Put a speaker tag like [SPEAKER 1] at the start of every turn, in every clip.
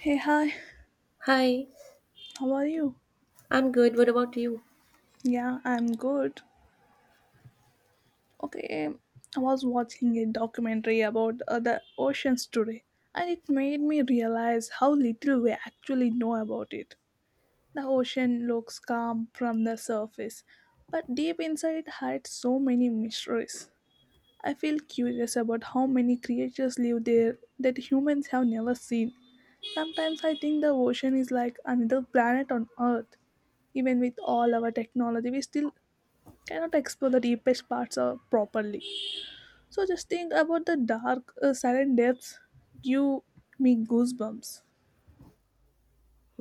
[SPEAKER 1] Hey, hi,
[SPEAKER 2] Hi,
[SPEAKER 1] how are you?
[SPEAKER 2] I'm good. What about you?
[SPEAKER 1] Yeah, I'm good. Okay, I was watching a documentary about the oceans today, and it made me realize how little we actually know about it. The ocean looks calm from the surface, but deep inside it hides so many mysteries. I feel curious about how many creatures live there that humans have never seen. Sometimes I think the ocean is like another planet on Earth. Even with all our technology, we still cannot explore the deepest parts of properly. So just think about the dark, silent depths. You make goosebumps.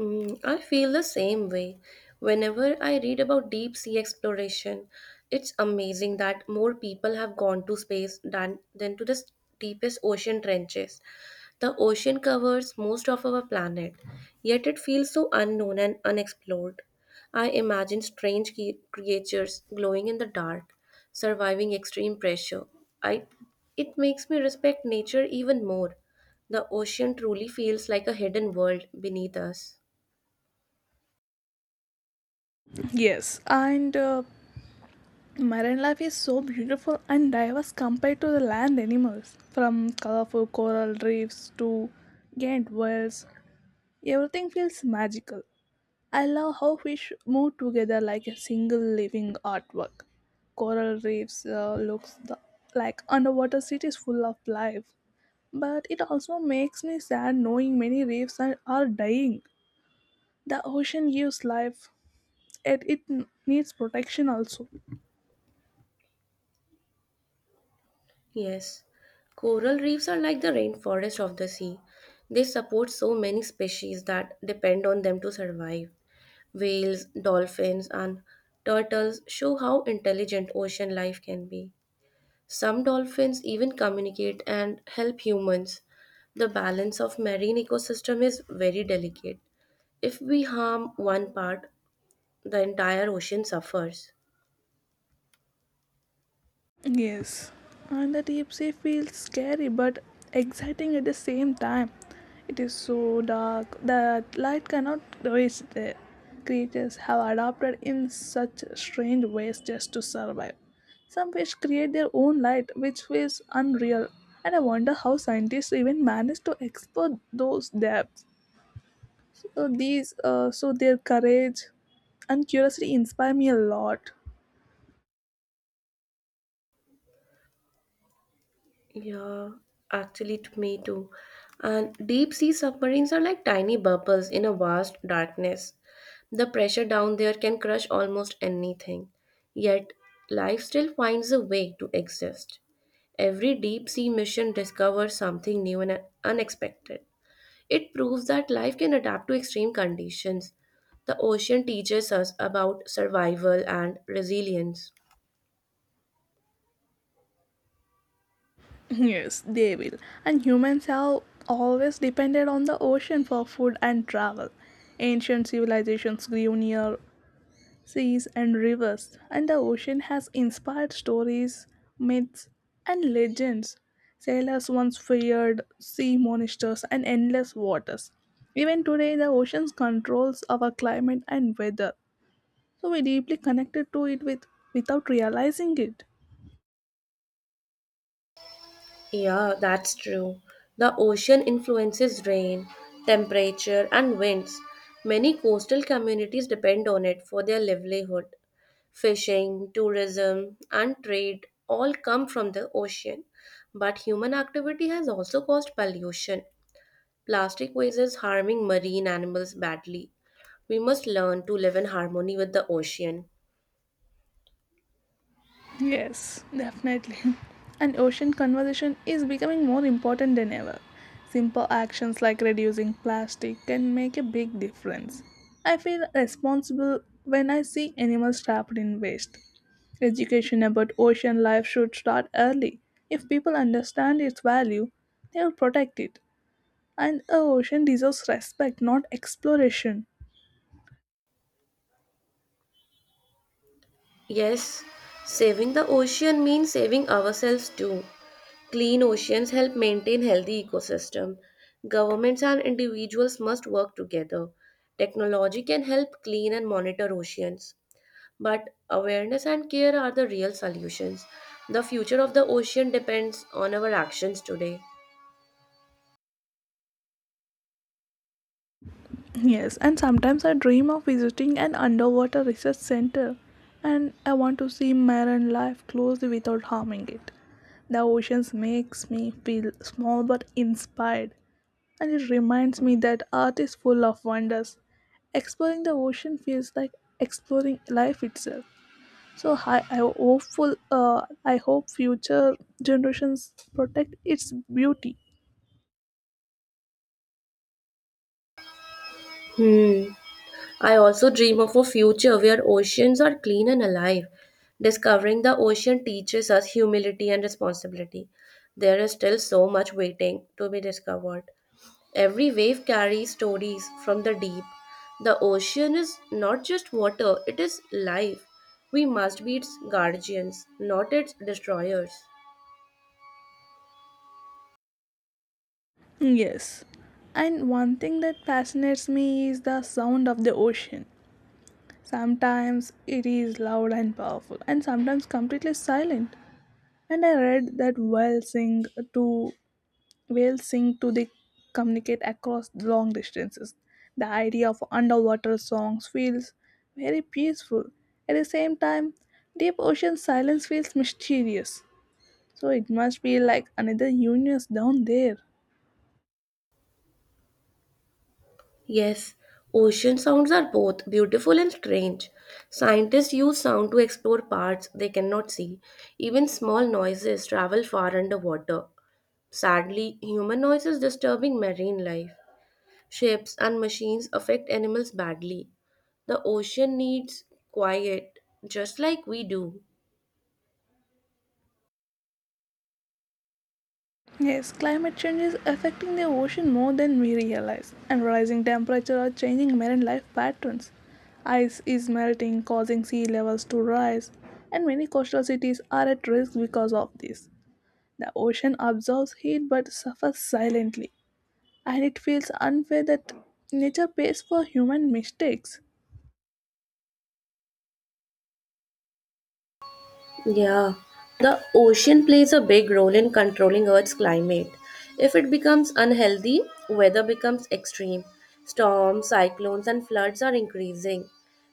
[SPEAKER 2] Hmm, I feel the same way. Whenever I read about deep sea exploration, it's amazing that more people have gone to space than to the deepest ocean trenches. The ocean covers most of our planet, yet it feels so unknown and unexplored. I imagine strange creatures glowing in the dark, surviving extreme pressure. I, it makes me respect nature even more. The ocean truly feels like a hidden world beneath us.
[SPEAKER 1] Yes, and marine life is so beautiful and diverse compared to the land animals. From colorful coral reefs to giant whales, everything feels magical. I love how fish move together like a single living artwork. Coral reefs like underwater cities full of life. But it also makes me sad knowing many reefs are dying. The ocean gives life, yet it needs protection also.
[SPEAKER 2] Yes, coral reefs are like the rainforest of the sea. They support so many species that depend on them to survive. Whales, dolphins, and turtles show how intelligent ocean life can be. Some dolphins even communicate and help humans. The balance of marine ecosystem is very delicate. If we harm one part, the entire ocean suffers.
[SPEAKER 1] Yes, and the deep sea feels scary but exciting at the same time. It is so dark that light cannot reach there. Creatures have adapted in such strange ways just to survive. Some fish create their own light, which feels unreal, and I wonder how scientists even manage to explore those depths. So their courage and curiosity inspire me a lot.
[SPEAKER 2] Yeah, actually, to me too. And deep sea submarines are like tiny bubbles in a vast darkness. The pressure down there can crush almost anything. Yet, life still finds a way to exist. Every deep sea mission discovers something new and unexpected. It proves that life can adapt to extreme conditions. The ocean teaches us about survival and resilience.
[SPEAKER 1] Yes, they will. And humans have always depended on the ocean for food and travel. Ancient civilizations grew near seas and rivers, and the ocean has inspired stories, myths, and legends. Sailors once feared sea monsters and endless waters. Even today, the oceans controls our climate and weather, so we deeply connected to it with without realizing it.
[SPEAKER 2] Yeah, that's true. The ocean influences rain, temperature, and winds. Many coastal communities depend on it for their livelihood. Fishing, tourism, and trade all come from the ocean. But human activity has also caused pollution. Plastic waste is harming marine animals badly. We must learn to live in harmony with the ocean.
[SPEAKER 1] Yes, definitely. And ocean conservation is becoming more important than ever. Simple actions like reducing plastic can make a big difference. I feel responsible when I see animals trapped in waste. Education about ocean life should start early. If people understand its value, they will protect it. And the ocean deserves respect, not exploration.
[SPEAKER 2] Yes, saving the ocean means saving ourselves too. Clean oceans help maintain healthy ecosystem. Governments and individuals must work together. Technology can help clean and monitor oceans, but awareness and care are the real solutions. The future of the ocean depends on our actions today.
[SPEAKER 1] Yes, and sometimes I dream of visiting an underwater research center and I want to see marine life closely without harming it. The oceans makes me feel small but inspired and it reminds me that earth is full of wonders. Exploring the ocean feels like exploring life itself. So I hopeful I hope future generations protect its beauty.
[SPEAKER 2] Hmm. I also dream of a future where oceans are clean and alive. Discovering the ocean teaches us humility and responsibility. There is still so much waiting to be discovered. Every wave carries stories from the deep. The ocean is not just water, it is life. We must be its guardians, not its destroyers.
[SPEAKER 1] Yes. And one thing that fascinates me is the sound of the ocean. Sometimes it is loud and powerful, and sometimes completely silent. And I read that to whales sing to the communicate across long distances. The idea of underwater songs feels very peaceful. At the same time, deep ocean silence feels mysterious. So it must be like another universe down there.
[SPEAKER 2] Yes, ocean sounds are both beautiful and strange. Scientists use sound to explore parts they cannot see. Even small noises travel far underwater. Sadly, human noise is disturbing marine life. Ships and machines affect animals badly. The ocean needs quiet, just like we do.
[SPEAKER 1] Yes, climate change is affecting the ocean more than we realize, and rising temperature are changing marine life patterns. Ice is melting, causing sea levels to rise, and many coastal cities are at risk because of this. The ocean absorbs heat but suffers silently, and it feels unfair that nature pays for human mistakes.
[SPEAKER 2] Yeah, the ocean plays a big role in controlling Earth's climate. If it becomes unhealthy, weather becomes extreme. Storms, cyclones, and floods are increasing.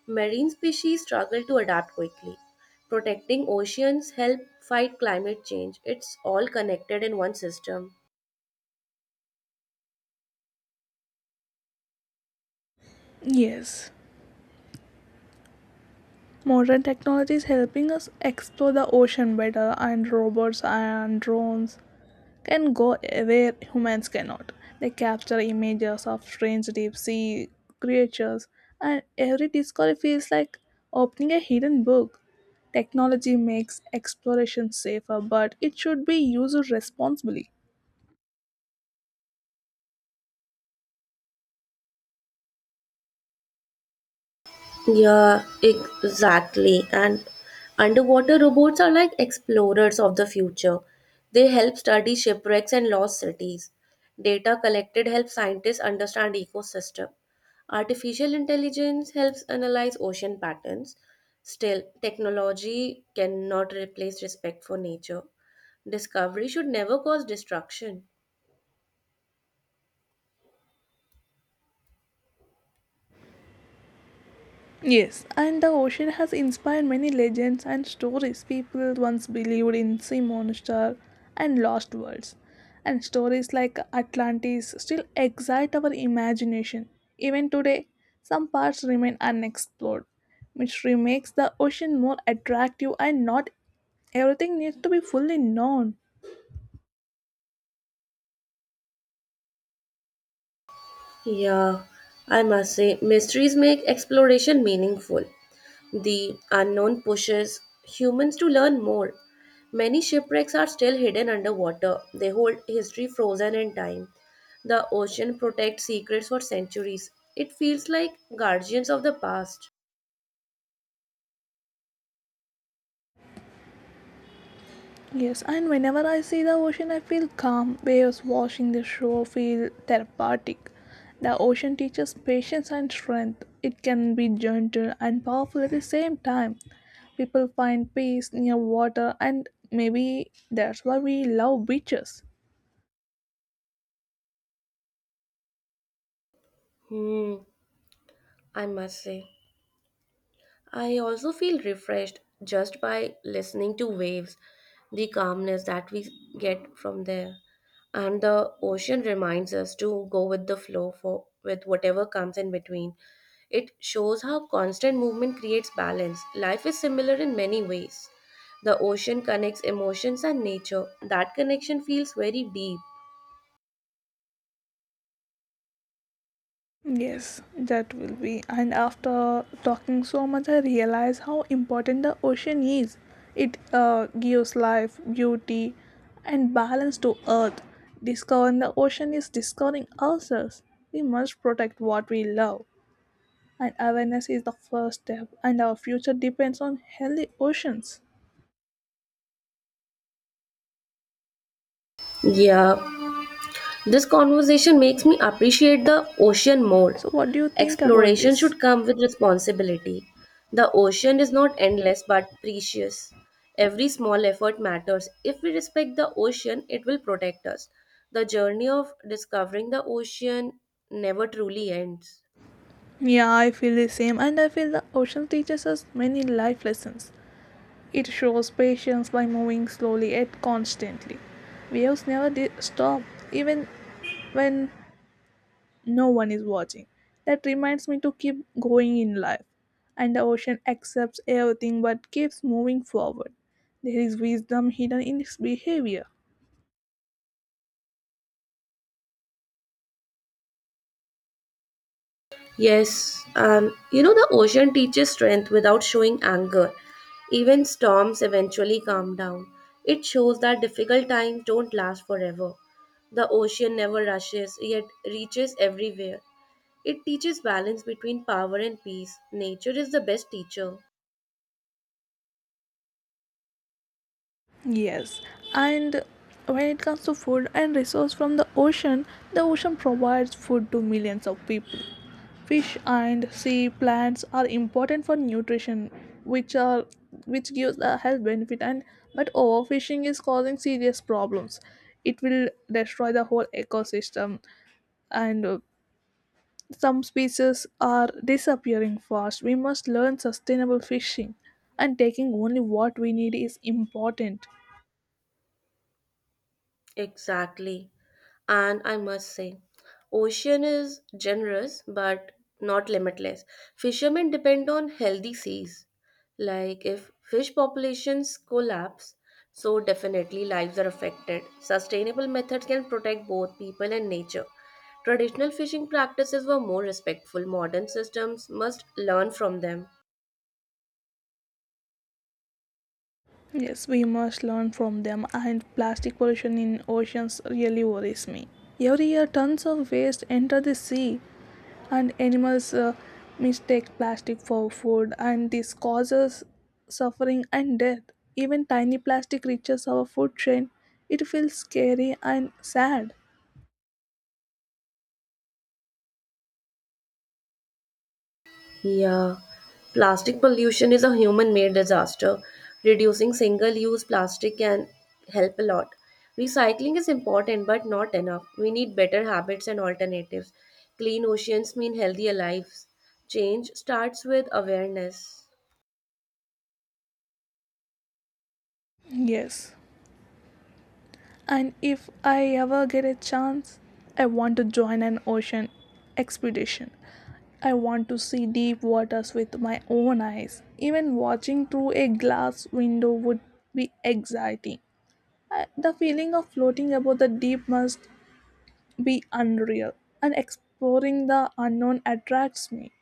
[SPEAKER 2] Marine species struggle to adapt quickly. Protecting oceans help fight climate change. It's all connected in one system.
[SPEAKER 1] Yes, modern technology is helping us explore the ocean better, and robots and drones can go where humans cannot. They capture images of strange deep sea creatures, and every discovery feels like opening a hidden book. Technology makes exploration safer, but it should be used responsibly.
[SPEAKER 2] Yeah, exactly. And underwater robots are like explorers of the future. They help study shipwrecks and lost cities. Data collected helps scientists understand ecosystem. Artificial intelligence helps analyze ocean patterns. Still, technology cannot replace respect for nature. Discovery should never cause destruction.
[SPEAKER 1] Yes, and the ocean has inspired many legends and stories. People once believed in sea monster and lost worlds, and stories like Atlantis still excite our imagination. Even today, some parts remain unexplored. Mystery makes the ocean more attractive, and not everything needs to be fully known.
[SPEAKER 2] Yeah, I must say, mysteries make exploration meaningful. The unknown pushes humans to learn more. Many shipwrecks are still hidden underwater. They hold history frozen in time. The ocean protects secrets for centuries. It feels like guardians of the past.
[SPEAKER 1] Yes, and whenever I see the ocean, I feel calm. Waves washing the shore feel therapeutic. The ocean teaches patience and strength. It can be gentle and powerful at the same time. People find peace near water, and maybe that's why we love beaches.
[SPEAKER 2] Hmm, I must say. I also feel refreshed just by listening to waves, the calmness that we get from there. And the ocean reminds us to go with the flow for with whatever comes in between. It shows how constant movement creates balance. Life is similar in many ways. The ocean connects emotions and nature. That connection feels very deep.
[SPEAKER 1] Yes, that will be. And after talking so much, I realize how important the ocean is. It gives life, beauty, and balance to Earth. Discovering the ocean is discovering ourselves. We must protect what we love, and awareness is the first step. And our future depends on healthy oceans.
[SPEAKER 2] Yeah. This conversation makes me appreciate the ocean more.
[SPEAKER 1] So, what do you think about
[SPEAKER 2] Exploration
[SPEAKER 1] this?
[SPEAKER 2] should come with responsibility. The ocean is not endless but precious. Every small effort matters. If we respect the ocean, it will protect us. The journey of discovering the ocean never truly ends.
[SPEAKER 1] Yeah, I feel the same, and I feel the ocean teaches us many life lessons. It shows patience by moving slowly yet constantly. Waves never di- stop, even when no one is watching. That reminds me to keep going in life. And the ocean accepts everything but keeps moving forward. There is wisdom hidden in its behavior.
[SPEAKER 2] Yes, and you know, the ocean teaches strength without showing anger. Even storms eventually calm down. It shows that difficult times don't last forever. The ocean never rushes, yet reaches everywhere. It teaches balance between power and peace. Nature is the best teacher.
[SPEAKER 1] Yes, and when it comes to food and resource from the ocean provides food to millions of people. Fish and sea plants are important for nutrition which are which gives a health benefit and but overfishing is causing serious problems. It will destroy the whole ecosystem, and some species are disappearing fast. We must learn sustainable fishing, and taking only what we need is important.
[SPEAKER 2] Exactly. And I must say, ocean is generous but not limitless. Fishermen depend on healthy seas. Like, if fish populations collapse, so definitely lives are affected. Sustainable methods can protect both people and nature. Traditional fishing practices were more respectful. Modern systems must learn from them.
[SPEAKER 1] Yes, we must learn from them. And plastic pollution in oceans really worries me. Every year tons of waste enter the sea, and animals mistake plastic for food, and this causes suffering and death. Even tiny plastic reaches our food chain. It feels scary and sad.
[SPEAKER 2] Yeah, plastic pollution is a human made disaster. Reducing single use plastic can help a lot. Recycling is important but not enough. We need better habits and alternatives. Clean oceans mean healthier lives. Change starts with awareness.
[SPEAKER 1] Yes, and if I ever get a chance I want to join an ocean expedition. I want to see deep waters with my own eyes. Even watching through a glass window would be exciting. The feeling of floating above the deep must be unreal, and exploring the unknown attracts me.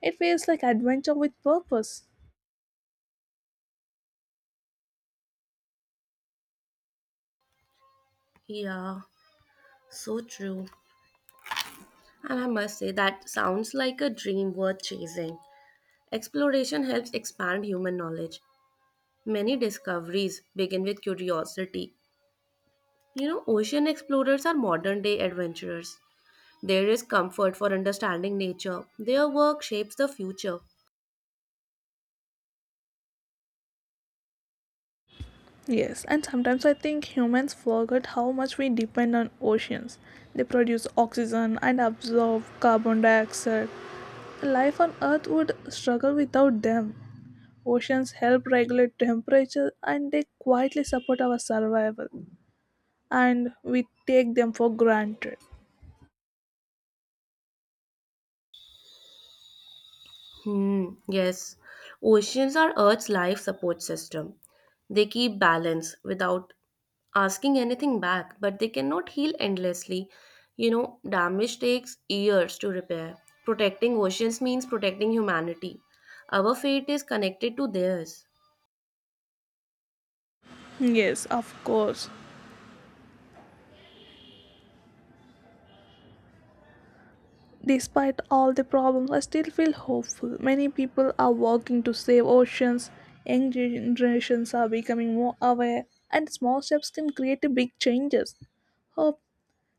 [SPEAKER 1] It feels like adventure with purpose.
[SPEAKER 2] Yeah, so true. And I must say, that sounds like a dream worth chasing. Exploration helps expand human knowledge. Many discoveries begin with curiosity. You know, ocean explorers are modern day adventurers. There is comfort for understanding nature. Their work shapes the future.
[SPEAKER 1] Yes, and sometimes I think humans forget how much we depend on oceans. They produce oxygen and absorb carbon dioxide. Life on Earth would struggle without them. Oceans help regulate temperature and they quietly support our survival. And we take them for granted.
[SPEAKER 2] Hmm, yes. Oceans are Earth's life support system. They keep balance without asking anything back, but they cannot heal endlessly. You know, damage takes years to repair. Protecting oceans means protecting humanity. Our fate is connected to theirs.
[SPEAKER 1] Yes, of course. Despite all the problems, I still feel hopeful. Many people are working to save oceans, young generations are becoming more aware, and small steps can create big changes. Hope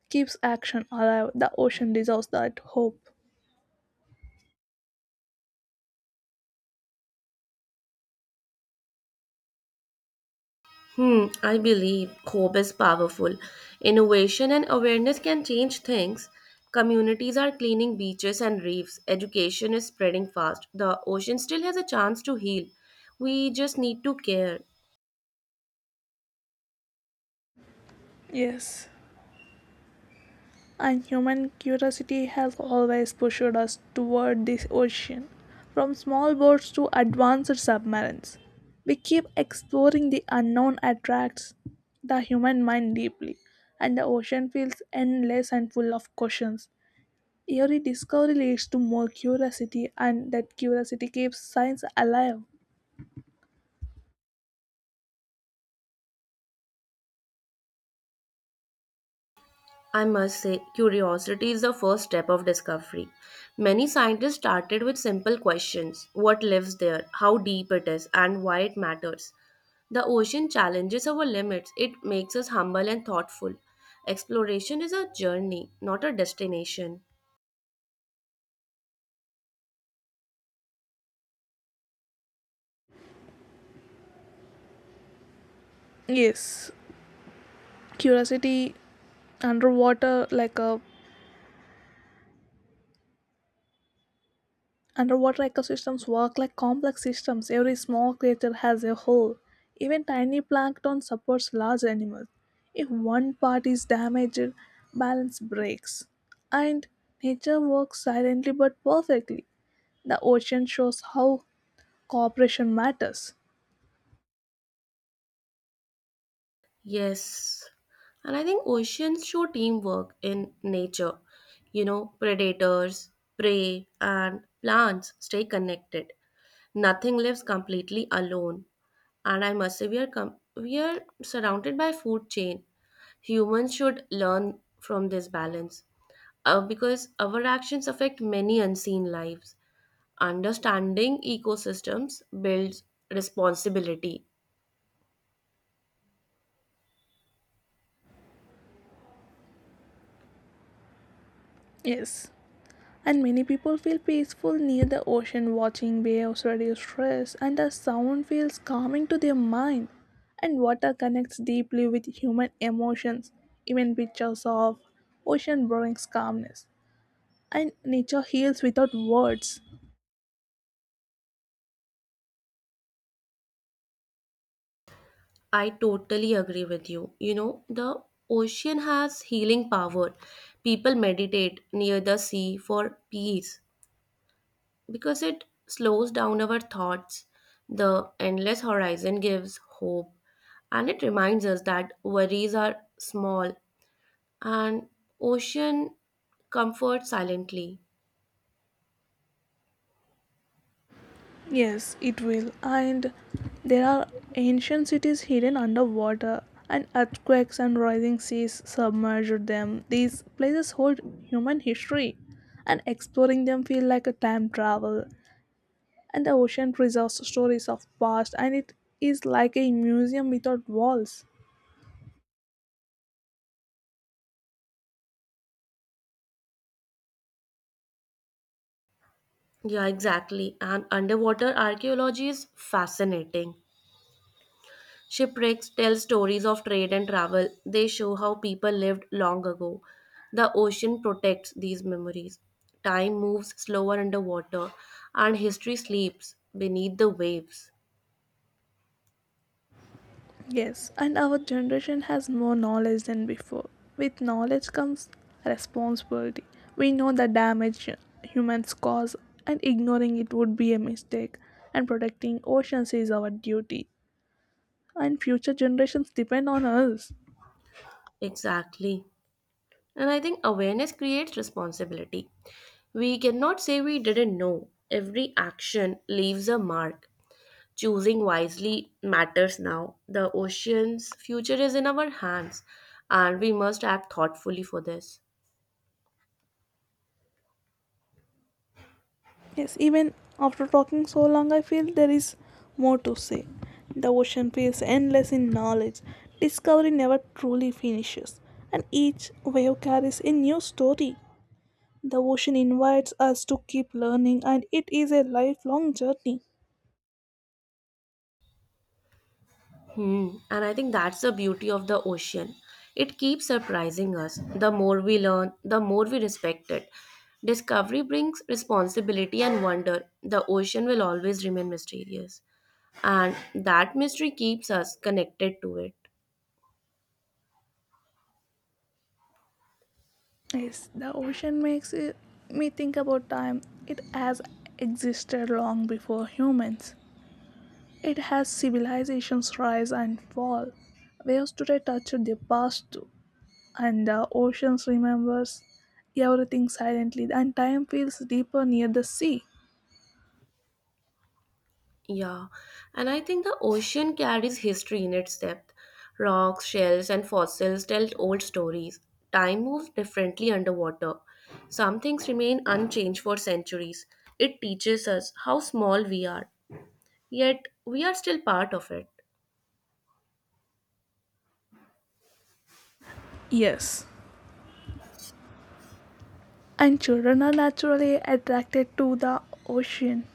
[SPEAKER 1] keeps action alive. The ocean deserves that hope.
[SPEAKER 2] Hmm, I believe hope is powerful. Innovation and awareness can change things. Communities are cleaning beaches and reefs. Education is spreading fast. The ocean still has a chance to heal. We just need to care.
[SPEAKER 1] Yes. And human curiosity has always pushed us toward this ocean, from small boats to advanced submarines. We keep exploring the unknown attracts the human mind deeply, and the ocean feels endless and full of questions. Every discovery leads to more curiosity, and that curiosity keeps science alive.
[SPEAKER 2] I must say, curiosity is the first step of discovery. Many scientists started with simple questions: what lives there, how deep it is, and why it matters. The ocean challenges our limits, it makes us humble and thoughtful. Exploration is a journey, not a destination.
[SPEAKER 1] Yes, curiosity underwater, like a Underwater ecosystems work like complex systems. Every small creature has a hole. Even tiny plankton supports large animals. If one part is damaged, balance breaks. And nature works silently but perfectly. The ocean shows how cooperation matters.
[SPEAKER 2] Yes. And I think oceans show teamwork in nature. You know, predators, prey, and plants stay connected. Nothing lives completely alone. And I must say, we are, we are surrounded by food chain. Humans should learn from this balance because our actions affect many unseen lives. Understanding ecosystems builds responsibility.
[SPEAKER 1] Yes. And many people feel peaceful near the ocean. Watching waves reduce stress and the sound feels calming to their mind, and water connects deeply with human emotions. Even pictures of ocean brings calmness, and nature heals without words.
[SPEAKER 2] I totally agree with you. You know, the ocean has healing power. People meditate near the sea for peace because it slows down our thoughts. The endless horizon gives hope, and it reminds us that worries are small, and ocean comforts silently.
[SPEAKER 1] Yes, it will. And there are ancient cities hidden underwater, and earthquakes and rising seas submerged them. These places hold human history, and exploring them feel like a time travel. And the ocean preserves stories of past, and it is like a museum without walls.
[SPEAKER 2] Yeah, exactly. And underwater archaeology is fascinating. Shipwrecks tell stories of trade and travel. They show how people lived long ago. The ocean protects these memories. Time moves slower underwater, and history sleeps beneath the waves.
[SPEAKER 1] Yes, and our generation has more knowledge than before. With knowledge comes responsibility. We know the damage humans cause, and ignoring it would be a mistake. And protecting oceans is our duty. And future generations depend on us.
[SPEAKER 2] Exactly. And I think awareness creates responsibility. We cannot say we didn't know. Every action leaves a mark. Choosing wisely matters now. The ocean's future is in our hands, and we must act thoughtfully for this.
[SPEAKER 1] Yes, even after talking so long, I feel there is more to say. The ocean feels endless in knowledge. Discovery never truly finishes, and each wave carries a new story. The ocean invites us to keep learning, and it is a lifelong journey.
[SPEAKER 2] Hmm. And I think that's the beauty of the ocean. It keeps surprising us. The more we learn, the more we respect it. Discovery brings responsibility and wonder. The ocean will always remain mysterious. And that mystery keeps us connected to it.
[SPEAKER 1] Yes, the ocean makes it, me think about time. It has existed long before humans. It has civilizations rise and fall. Waves today touch the past too, and the oceans remembers everything silently, and time feels deeper near the sea.
[SPEAKER 2] Yeah, and I think the ocean carries history in its depth. Rocks, shells, and fossils tell old stories. Time moves differently underwater. Some things remain unchanged for centuries. It teaches us how small we are, yet we are still part of it.
[SPEAKER 1] Yes, and children are naturally attracted to the ocean.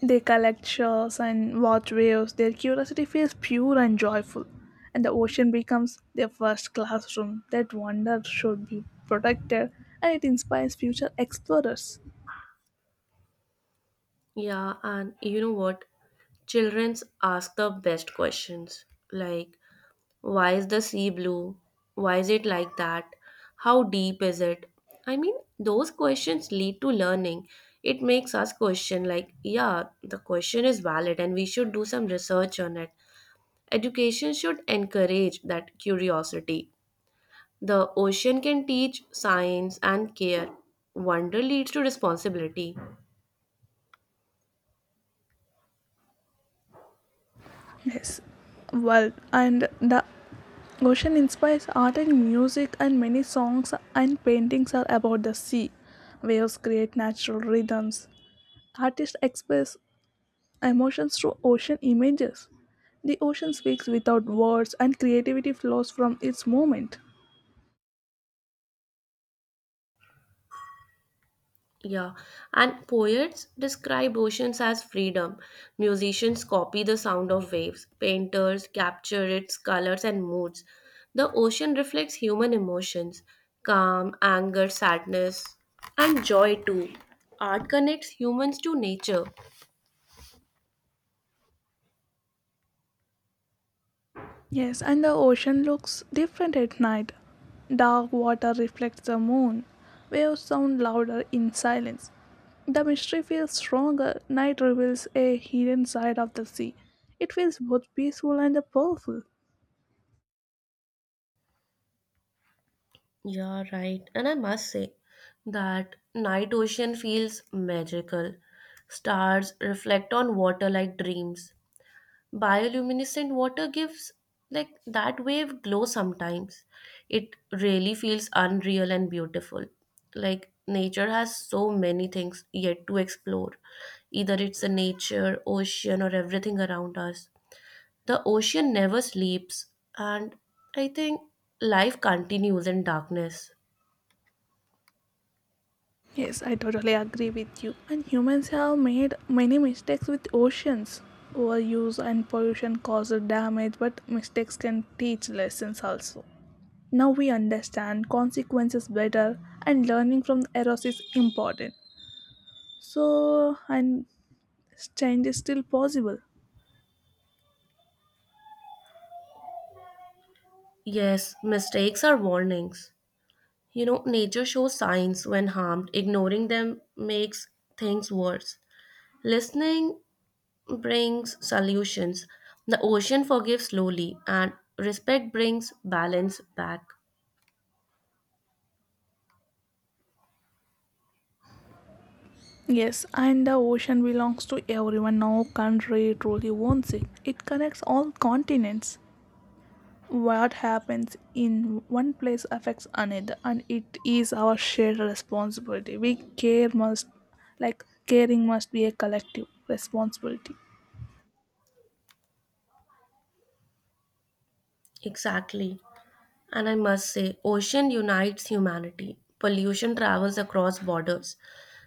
[SPEAKER 1] They collect shells and watch waves. Their curiosity feels pure and joyful, and the ocean becomes their first classroom. That wonder should be protected, and it inspires future explorers.
[SPEAKER 2] Yeah, and you know what? Childrens ask the best questions. Like, why is the sea blue? Why is it like that? How deep is it? I mean, those questions lead to learning. It makes us question, like, yeah, the question is valid and we should do some research on it. Education should encourage that curiosity. The ocean can teach science and care. Wonder leads to responsibility.
[SPEAKER 1] Yes, well, and the ocean inspires art and music, and many songs and paintings are about the sea. Waves create natural rhythms. Artists express emotions through ocean images. The ocean speaks without words and creativity flows from its movement.
[SPEAKER 2] Yeah, and poets describe oceans as freedom. Musicians copy the sound of waves. Painters capture its colors and moods. The ocean reflects human emotions: calm, anger, sadness, and joy too. Art connects humans to nature.
[SPEAKER 1] Yes, and the ocean looks different at night. Dark water reflects the moon. Waves sound louder in silence. The mystery feels stronger. Night reveals a hidden side of the sea. It feels both peaceful and powerful.
[SPEAKER 2] Yeah, right. And I must say that night ocean feels magical. Stars reflect on water like dreams. Bioluminescent water gives like that wave glow sometimes. It really feels unreal and beautiful. Like, nature has so many things yet to explore, either it's the nature ocean or everything around us. The ocean never sleeps, and I think life continues in darkness.
[SPEAKER 1] Yes, I totally agree with you. And humans have made many mistakes with oceans. Overuse and pollution cause damage, but mistakes can teach lessons also. Now we understand consequences better, and learning from errors is important. So, and change is still possible.
[SPEAKER 2] Yes, mistakes are warnings. You know, nature shows signs when harmed. Ignoring them makes things worse. Listening brings solutions. The ocean forgives slowly, and respect brings balance back.
[SPEAKER 1] Yes, and the ocean belongs to everyone. No country truly owns it. It connects all continents. What happens in one place affects another, and it is our shared responsibility. We care must, like, caring must be a collective responsibility.
[SPEAKER 2] Exactly. And I must say, ocean unites humanity. Pollution travels across borders.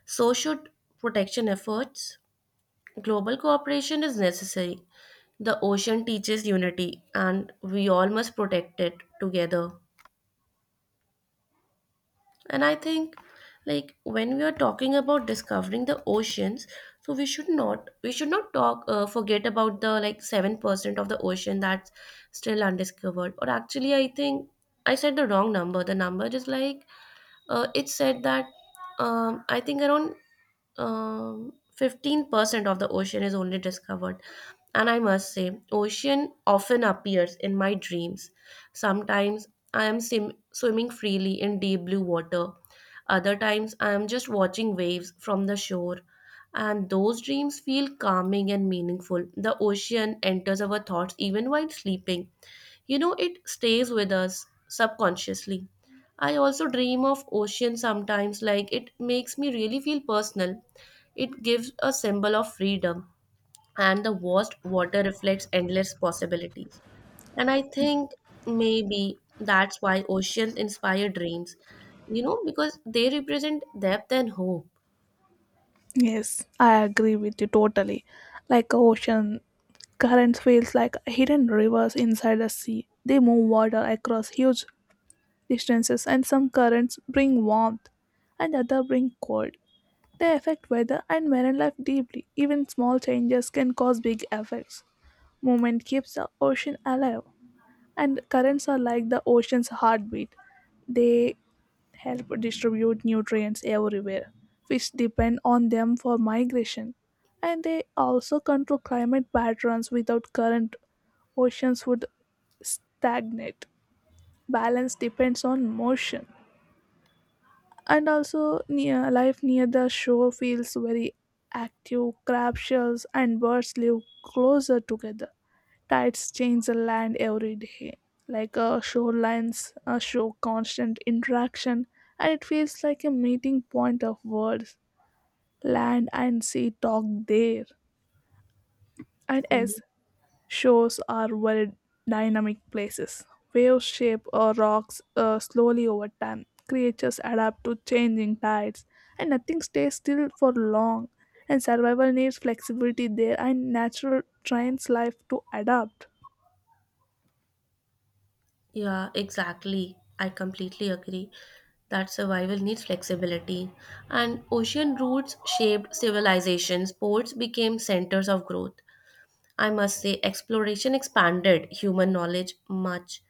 [SPEAKER 2] So should protection efforts. Global cooperation is necessary. The ocean teaches unity, and we all must protect it together. And I think, like, when we are talking about discovering the oceans, so we should not talk forget about the like 7% of the ocean that's still undiscovered. Or actually, I think I said the wrong number. The number is like it said that I think around 15% of the ocean is only discovered. And I must say, ocean often appears in my dreams. Sometimes I am swimming freely in deep blue water. Other times I am just watching waves from the shore. And those dreams feel calming and meaningful. The ocean enters our thoughts even while sleeping. You know, it stays with us subconsciously. I also dream of ocean sometimes, like it makes me really feel personal. It gives a symbol of freedom, and the vast water reflects endless possibilities. And I think maybe that's why oceans inspire dreams, you know, because they represent depth and hope.
[SPEAKER 1] Yes, I agree with you totally. Like ocean currents feels like hidden rivers inside the sea. They move water across huge distances and some currents bring warmth and other bring cold. They affect weather and marine life deeply. Even small changes can cause big effects. Movement keeps the ocean alive, and currents are like the ocean's heartbeat. They help distribute nutrients everywhere. Fish depend on them for migration, and they also control climate patterns. Without current, oceans would stagnate. Balance depends on motion, and also near life near the shore feels very active. Crab shells and birds live closer together. Tides change the land every day, like shorelines show constant interaction, and it feels like a meeting point of worlds. Land and sea talk there. And
[SPEAKER 2] Mhm.
[SPEAKER 1] yes, shores are very dynamic places. Waves shape rocks slowly over time. Creatures adapt to changing tides, and nothing stays still for long, and survival needs flexibility there, and natural trains life to adapt.
[SPEAKER 2] Yeah, exactly. I completely agree that survival needs flexibility. And ocean routes shaped civilizations, ports became centers of growth. I must say, exploration expanded human knowledge much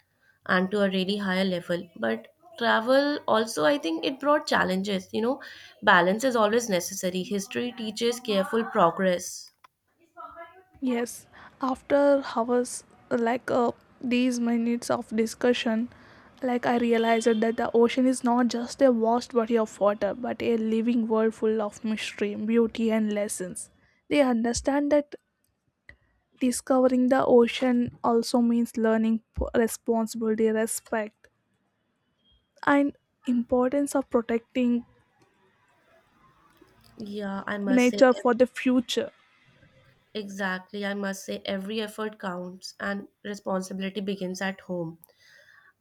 [SPEAKER 2] and to a really higher level. But travel also, I think it brought challenges. You know, balance is always necessary. History teaches careful progress.
[SPEAKER 1] Yes, after hours like these minutes of discussion, like I realized that the ocean is not just a vast body of water, but a living world full of mystery, beauty, and lessons. They understand that discovering the ocean also means learning responsibility, respect, and importance of protecting
[SPEAKER 2] Yeah, I must say,
[SPEAKER 1] nature for the future.
[SPEAKER 2] exactly. I must say, every effort counts and responsibility begins at home.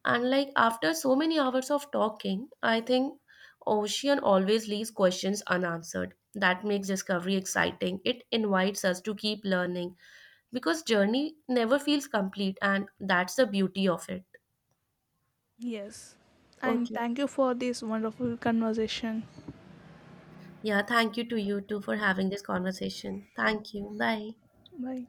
[SPEAKER 2] And like after so many hours of talking, I think ocean always leaves questions unanswered. That makes discovery exciting. It invites us to keep learning because journey never feels complete and that's the beauty of it.
[SPEAKER 1] Yes, and
[SPEAKER 2] Okay.
[SPEAKER 1] thank you for this wonderful conversation.
[SPEAKER 2] Yeah, thank you to you too for having this conversation. Thank you. Bye.
[SPEAKER 1] Bye.